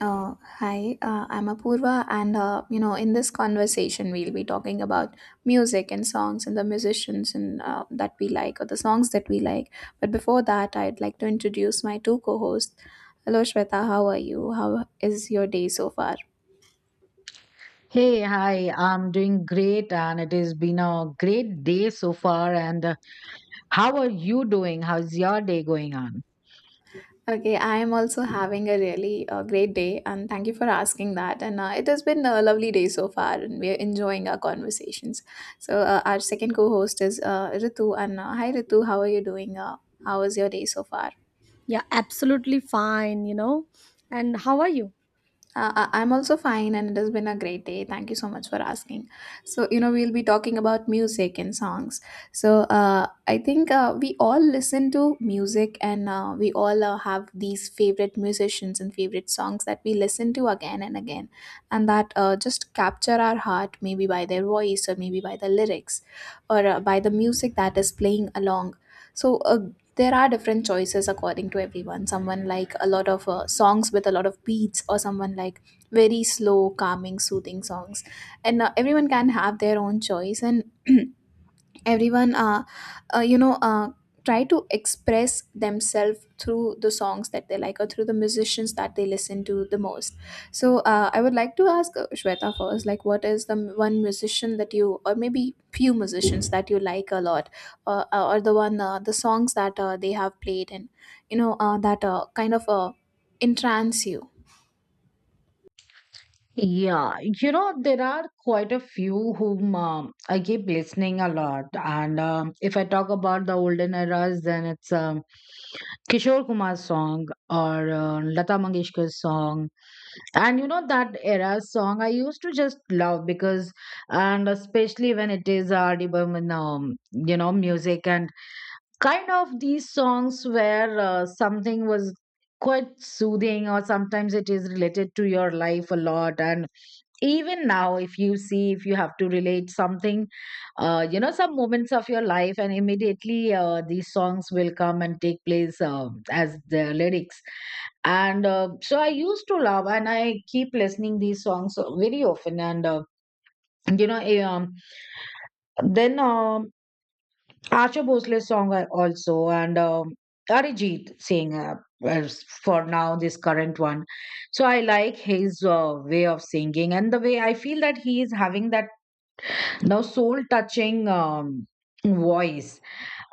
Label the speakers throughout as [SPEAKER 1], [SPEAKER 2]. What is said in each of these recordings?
[SPEAKER 1] Hi, I'm Apurva, and in this conversation, we'll be talking about music and songs and the musicians and that we like, or the songs that we like. But before that, I'd like to introduce my two co-hosts. Hello, Shweta. How are you? How is your day so far?
[SPEAKER 2] Hey, hi, I'm doing great, and it has been a great day so far. And how are you doing? How's your day going on?
[SPEAKER 1] Okay, I am also having a really great day, and thank you for asking that. And it has been a lovely day so far, and we are enjoying our conversations. Our second co host is Ritu. And uh, hi Ritu, how are you doing? How was your day so far?
[SPEAKER 3] Yeah, absolutely fine, you know. And how are you?
[SPEAKER 1] I'm also fine, and it has been a great day. Thank you so much for asking. So, you know, we'll be talking about music and songs. I think we all listen to music, and we all have these favorite musicians and favorite songs that we listen to again and again, and that just capture our heart, maybe by their voice, or maybe by the lyrics, or by the music that is playing along. So, uh, there are different choices according to everyone. Someone like a lot of songs with a lot of beats, or someone like very slow, calming, soothing songs, and everyone can have their own choice. And everyone you know Try to express themselves through the songs that they like, or through the musicians that they listen to the most. I would like to ask Shweta first, like, what is the one musician that you, or maybe few musicians, that you like a lot, or the one the songs that they have played, and that kind of entrance you.
[SPEAKER 2] Yeah, you know, there are quite a few whom I keep listening a lot. And if I talk about the olden eras, then it's Kishore Kumar's song or Lata Mangeshkar's song, and you know that era song I used to just love. Because and especially when it is R.D. Burman you know, music, and kind of these songs where something was quite soothing, or sometimes it is related to your life a lot. And even now, if you see, if you have to relate something, you know, some moments of your life, and immediately these songs will come and take place as the lyrics. And so I used to love, and I keep listening these songs very often. And you know eh, then Asha Bhosle's song I also, and Arijit Singh, as for now, this current one. So I like his way of singing, and the way I feel that he is having that now soul touching voice.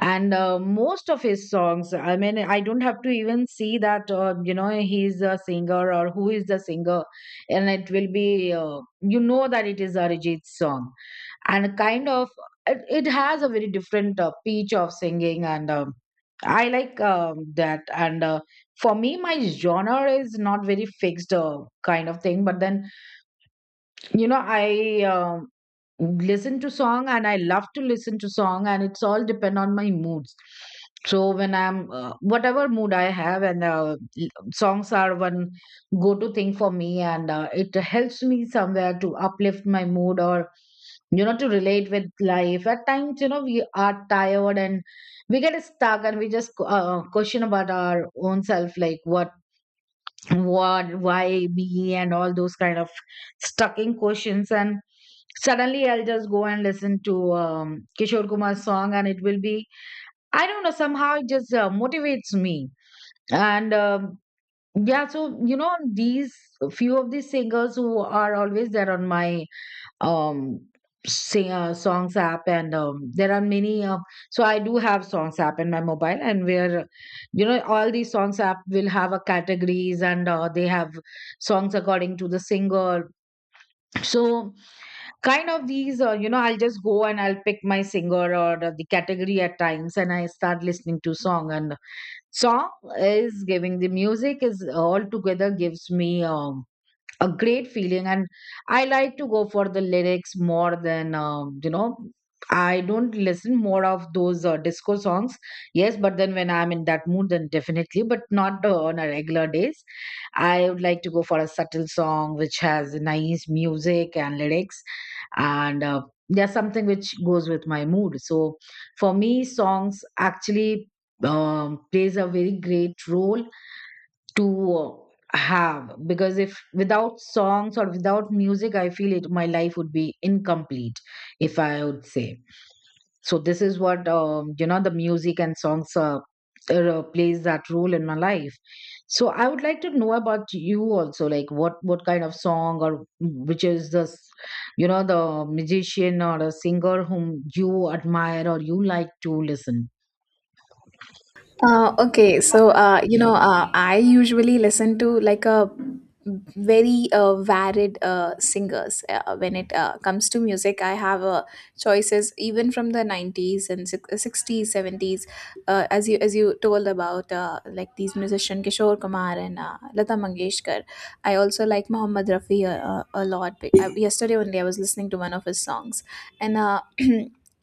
[SPEAKER 2] And most of his songs, I mean, I don't have to even see that you know, he's a singer or who is the singer, and it will be, you know, that it is Arijit's song. And kind of it has a very different pitch of singing, and I like that. And for me, my genre is not very fixed, kind of thing. But then, you know, I listen to song, and I love to listen to song, and it's all depend on my moods. So when I'm whatever mood I have, and songs are one go to thing for me, and it helps me somewhere to uplift my mood, or you know, to relate with life at times. You know, we are tired, and we get stuck, and we just question about our own self, like what, why me, and all those kind of stucking questions. And suddenly I'll just go and listen to Kishore Kumar's song, and it will be, I don't know, somehow it just motivates me. And yeah, so you know, these few of these singers who are always there on my um sing songs app. And there are many, so I do have songs app in my mobile, and where, you know, all these songs app will have a categories, and they have songs according to the singer. So kind of these, you know, I'll just go, and I'll pick my singer or the category at times, and I start listening to song. And song is giving, the music is all together, gives me a great feeling. And I like to go for the lyrics more than, you know, I don't listen more of those disco songs. Yes, but then, when I'm in that mood, then definitely, but not on a regular days. I would like to go for a subtle song which has nice music and lyrics, and there's something which goes with my mood. So for me, songs actually plays a very great role to have, because if without songs or without music, I feel it, my life would be incomplete, if I would say. So this is what, you know, the music and songs plays that role in my life. So I would like to know about you also, like what kind of song, or which is the you know, the musician or a singer whom you admire or you like to listen.
[SPEAKER 1] I usually listen to like a very varied singers when it comes to music. I have choices even from the nineties and sixties, seventies, as you told about, like these musician Kishore Kumar and Lata Mangeshkar. I also like Mohammed Rafi a lot. Yesterday only I was listening to one of his songs, and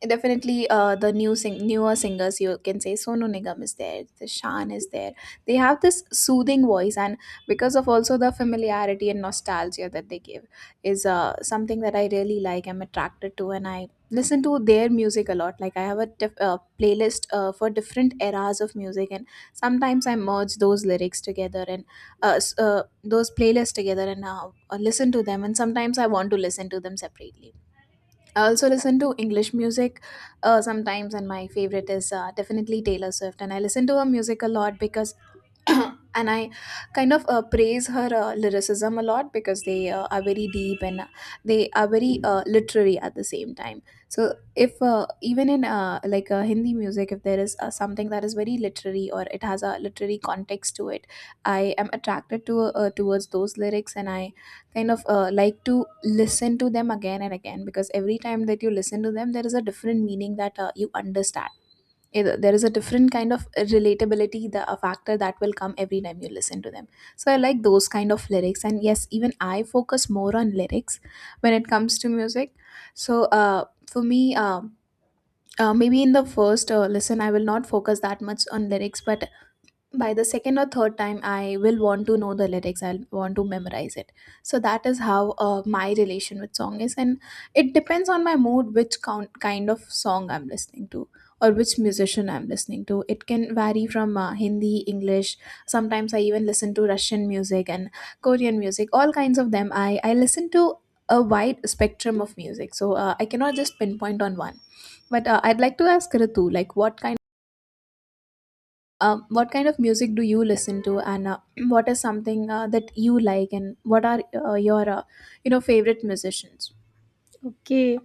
[SPEAKER 1] definitely the newer singers, you can say, Sonu Nigam is there, the Shan is there, they have this soothing voice, and because of also the familiarity and nostalgia that they give is something that I really like, I'm attracted to, and I listen to their music a lot. Like, I have a playlist for different eras of music, and sometimes I merge those lyrics together and uh, s- uh, those playlists together, and listen to them, and sometimes I want to listen to them separately. I also listen to English music sometimes, and my favorite is definitely Taylor Swift. And I listen to her music a lot because and I kind of praise her lyricism a lot, because they are very deep and they are very literary at the same time. So if even in Hindi music, if there is something that is very literary, or it has a literary context to it, I am attracted to towards those lyrics, and I kind of like to listen to them again and again, because every time that you listen to them, there is a different meaning that you understand. There is a different kind of relatability, the a factor, that will come every time you listen to them. So I like those kind of lyrics, and yes, even I focus more on lyrics when it comes to music. So for me Maybe in the first listen I will not focus that much on lyrics, but by the second or third time I will want to know the lyrics, I'll want to memorize it. So that is how my relation with song is. And it depends on my mood which kind of song I'm listening to, or which musician I'm listening to. It can vary from Hindi, English. Sometimes I even listen to Russian music and Korean music, all kinds of them I listen to a wide spectrum of music. I cannot just pinpoint on one. But I'd like to ask Ritu, like, what kind, what kind of music do you listen to? And what is something that you like, and what are your favorite musicians?
[SPEAKER 3] Okay.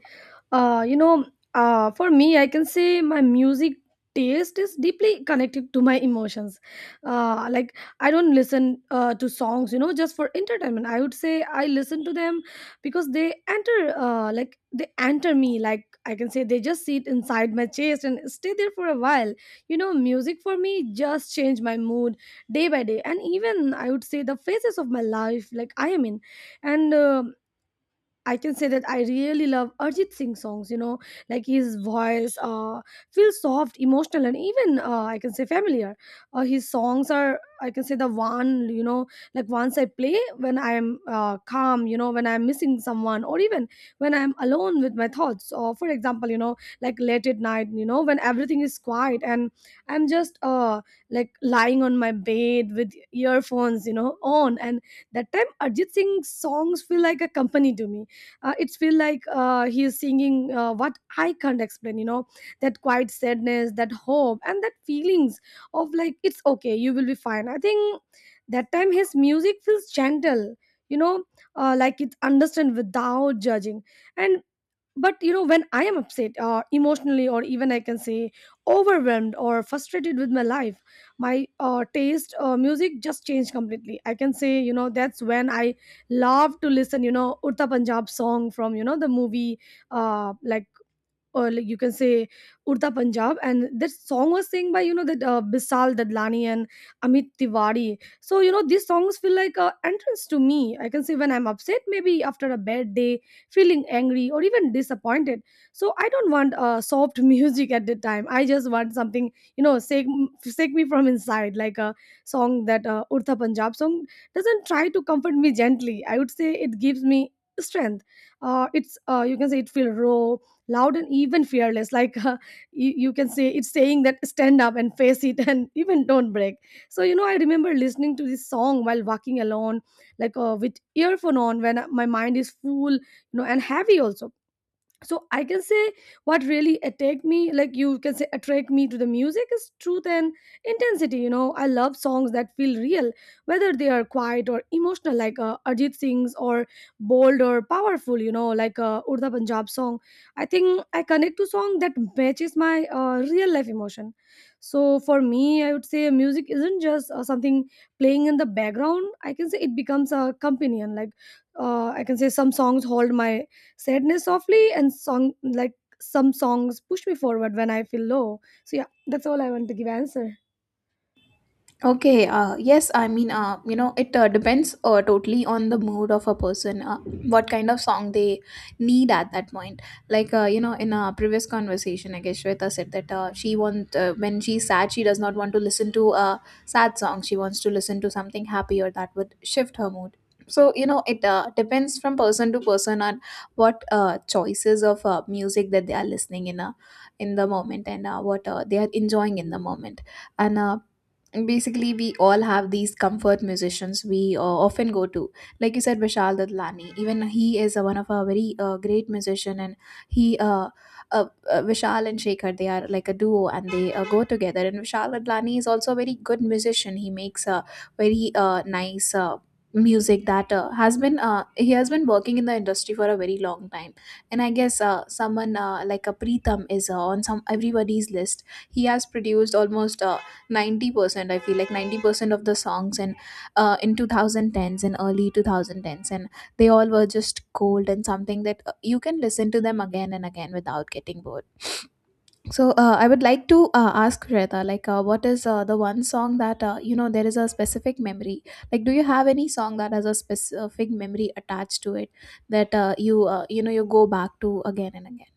[SPEAKER 3] You know, for me, I can say my music taste is deeply connected to my emotions. Like I don't listen to songs, you know, just for entertainment. I would say I listen to them because they enter, like they enter me. Like I can say they just sit inside my chest and stay there for a while. You know, music for me just change my mood day by day, and even I would say the phases of my life, like I am in, and. I can say that I really love Arjit Singh songs, you know, like his voice feels soft, emotional, and even I can say familiar. His songs are, I can say, the one, you know, like once I play when I'm calm, you know, when I'm missing someone, or even when I'm alone with my thoughts. Or, for example, you know, like late at night, you know, when everything is quiet and I'm just like lying on my bed with earphones, you know, on. And that time, Arjit Singh's songs feel like a company to me. It's feel like he is singing what I can't explain, you know, that quiet sadness, that hope, and that feelings of like it's okay, you will be fine. I think that time his music feels gentle, you know, like it's understand without judging. And but you know, when I am upset emotionally, or even I can say overwhelmed or frustrated with my life, my taste music just changed completely, I can say. You know, that's when I love to listen, you know, Uttar Punjab song from, you know, the movie, uh, or like you can say Urta Punjab, and that song was sang by, you know, that Bisal Dadlani and Amit Tiwari. So you know these songs feel like a entrance to me. I can say when I'm upset, maybe after a bad day, feeling angry or even disappointed. So I don't want soft music at the time. I just want something, you know, shake me from inside, like a song that Urta Punjab song doesn't try to comfort me gently. I would say it gives me strength. It's you can say it feel raw, loud, and even fearless, like you can say it's saying that stand up and face it, and even don't break. So you know, I remember listening to this song while walking alone, like with earphone on when my mind is full, you know, and heavy also. So I can say what really attacked me, like you can say attract me to the music, is truth and intensity. You know, I love songs that feel real, whether they are quiet or emotional, like Arjit Singh's, or bold or powerful, you know, like Urda Punjab song. I think I connect to song that matches my real life emotion. So for me, I would say music isn't just something playing in the background. I can say it becomes a companion. Like I can say some songs hold my sadness softly, and song like some songs push me forward when I feel low. So yeah, that's all I want to give answer.
[SPEAKER 1] Okay, yes, it depends totally on the mood of a person, what kind of song they need at that point. Like, you know, in a previous conversation, I guess Shweta said that she want when she's sad, she does not want to listen to a sad song. She wants to listen to something happier that would shift her mood. So, you know, it depends from person to person on what choices of music that they are listening in the moment, and what they are enjoying in the moment. And Basically, we all have these comfort musicians we often go to, like you said, Vishal Dadlani. Even he is one of our very great musician. And he uh, Vishal and Shekhar, they are like a duo, and they go together. And Vishal Dadlani is also a very good musician. He makes a very nice music that has been he has been working in the industry for a very long time. And I guess someone like a Pritam is on some everybody's list. He has produced almost 90%, I feel like 90% of the songs, and in 2010s and early 2010s, and they all were just gold, and something that you can listen to them again and again without getting bored. I would like to ask Shweta, like, what is the one song that, you know, there is a specific memory, like, do you have any song that has a specific memory attached to it that you know, you go back to again and again?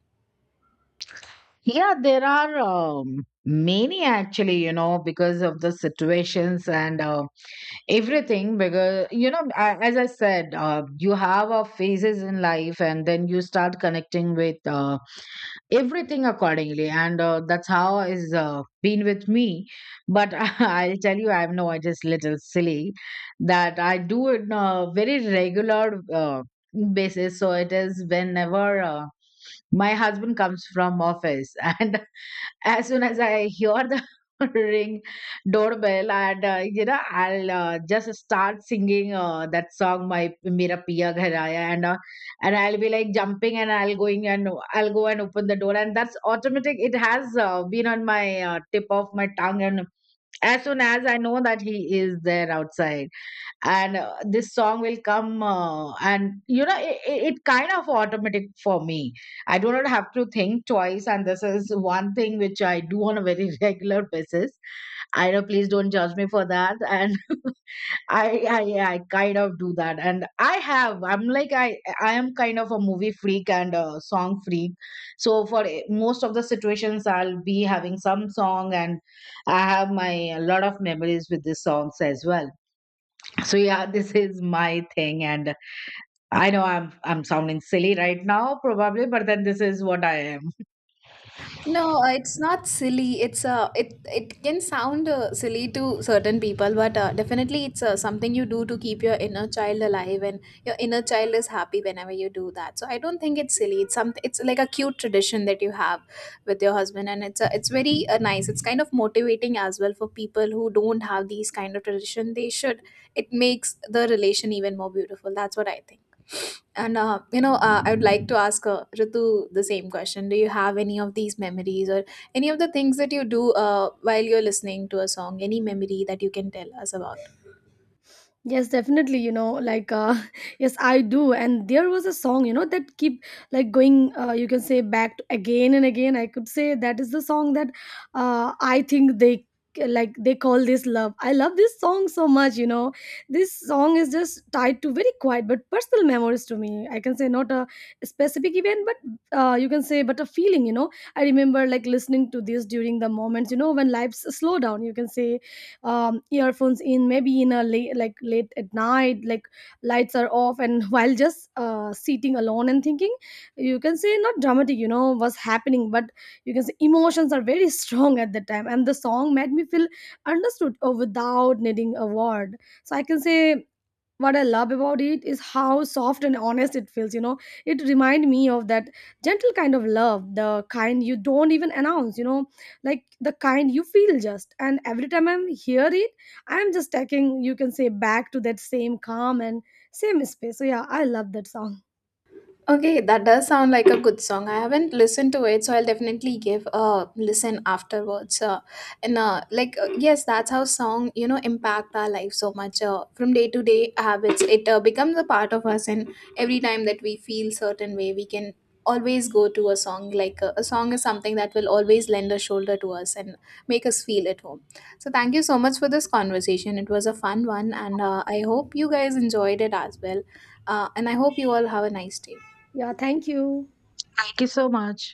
[SPEAKER 2] Yeah, there are many actually, you know, because of the situations and everything. Because, you know, as I said, you have phases in life, and then you start connecting with everything accordingly. And that's how is been with me. But I'll tell you, I know I just little silly that I do it in a very regular basis. So it is whenever my husband comes from office and as soon as I hear the ring doorbell, and you know, I'll just start singing that song, my Mera Piya Ghar Aaya. And And I'll be like jumping, and I'll going, and I'll go and open the door, and that's automatic. It has been on my tip of my tongue, and as soon as I know that he is there outside, and this song will come, and you know, it kind of automatic for me. I do not have to think twice, and this is one thing which I do on a very regular basis. I know, please don't judge me for that. And I yeah, I kind of do that, and I have. I'm like, I am kind of a movie freak and a song freak. So for most of the situations, I'll be having some song, and I have my a lot of memories with these songs as well. So yeah, this is my thing. And I know I'm sounding silly right now probably, but then this is what I am.
[SPEAKER 1] No, it's not silly. It's it can sound silly to certain people, but definitely it's something you do to keep your inner child alive, and your inner child is happy whenever you do that. So I don't think it's silly. It's something. It's like a cute tradition that you have with your husband, and it's very nice. It's kind of motivating as well for people who don't have these kind of tradition. They should. It makes the relation even more beautiful. That's what I think. And I would like to ask Ritu the same question. Do you have any of these memories, or any of the things that you do while you're listening to a song? Any memory that you can tell us about?
[SPEAKER 3] Yes, definitely. You know, like yes, I do. And there was a song, you know, that keep like going. You can say back to again and again. I could say that is the song that I think they, like, they call this love. I love this song so much. You know, this song is just tied to very quiet but personal memories to me. I can say not a specific event, but you can say but a feeling. You know, I remember like listening to this during the moments. You know, when lives slow down. You can say earphones in, maybe in a late at night, like lights are off, and while just sitting alone and thinking. You can say not dramatic, you know, what's happening, but you can say emotions are very strong at that time, and the song made me feel understood without needing a word. So I can say what I love about it is how soft and honest it feels, you know. It reminds me of that gentle kind of love, the kind you don't even announce, you know, like the kind you feel just. And every time I'm hear it, I'm just taking, you can say, back to that same calm and same space. So yeah, I love that song.
[SPEAKER 1] Okay, that does sound like a good song. I haven't listened to it, so I'll definitely give a listen afterwards. Yes, that's how song, you know, impact our life so much. From day to day habits, it becomes a part of us, and every time that we feel certain way, we can always go to a song. Like a song is something that will always lend a shoulder to us and make us feel at home. So thank you so much for this conversation. It was a fun one, and I hope you guys enjoyed it as well. And I hope you all have a nice day.
[SPEAKER 3] Yeah, thank you.
[SPEAKER 2] Thank you so much.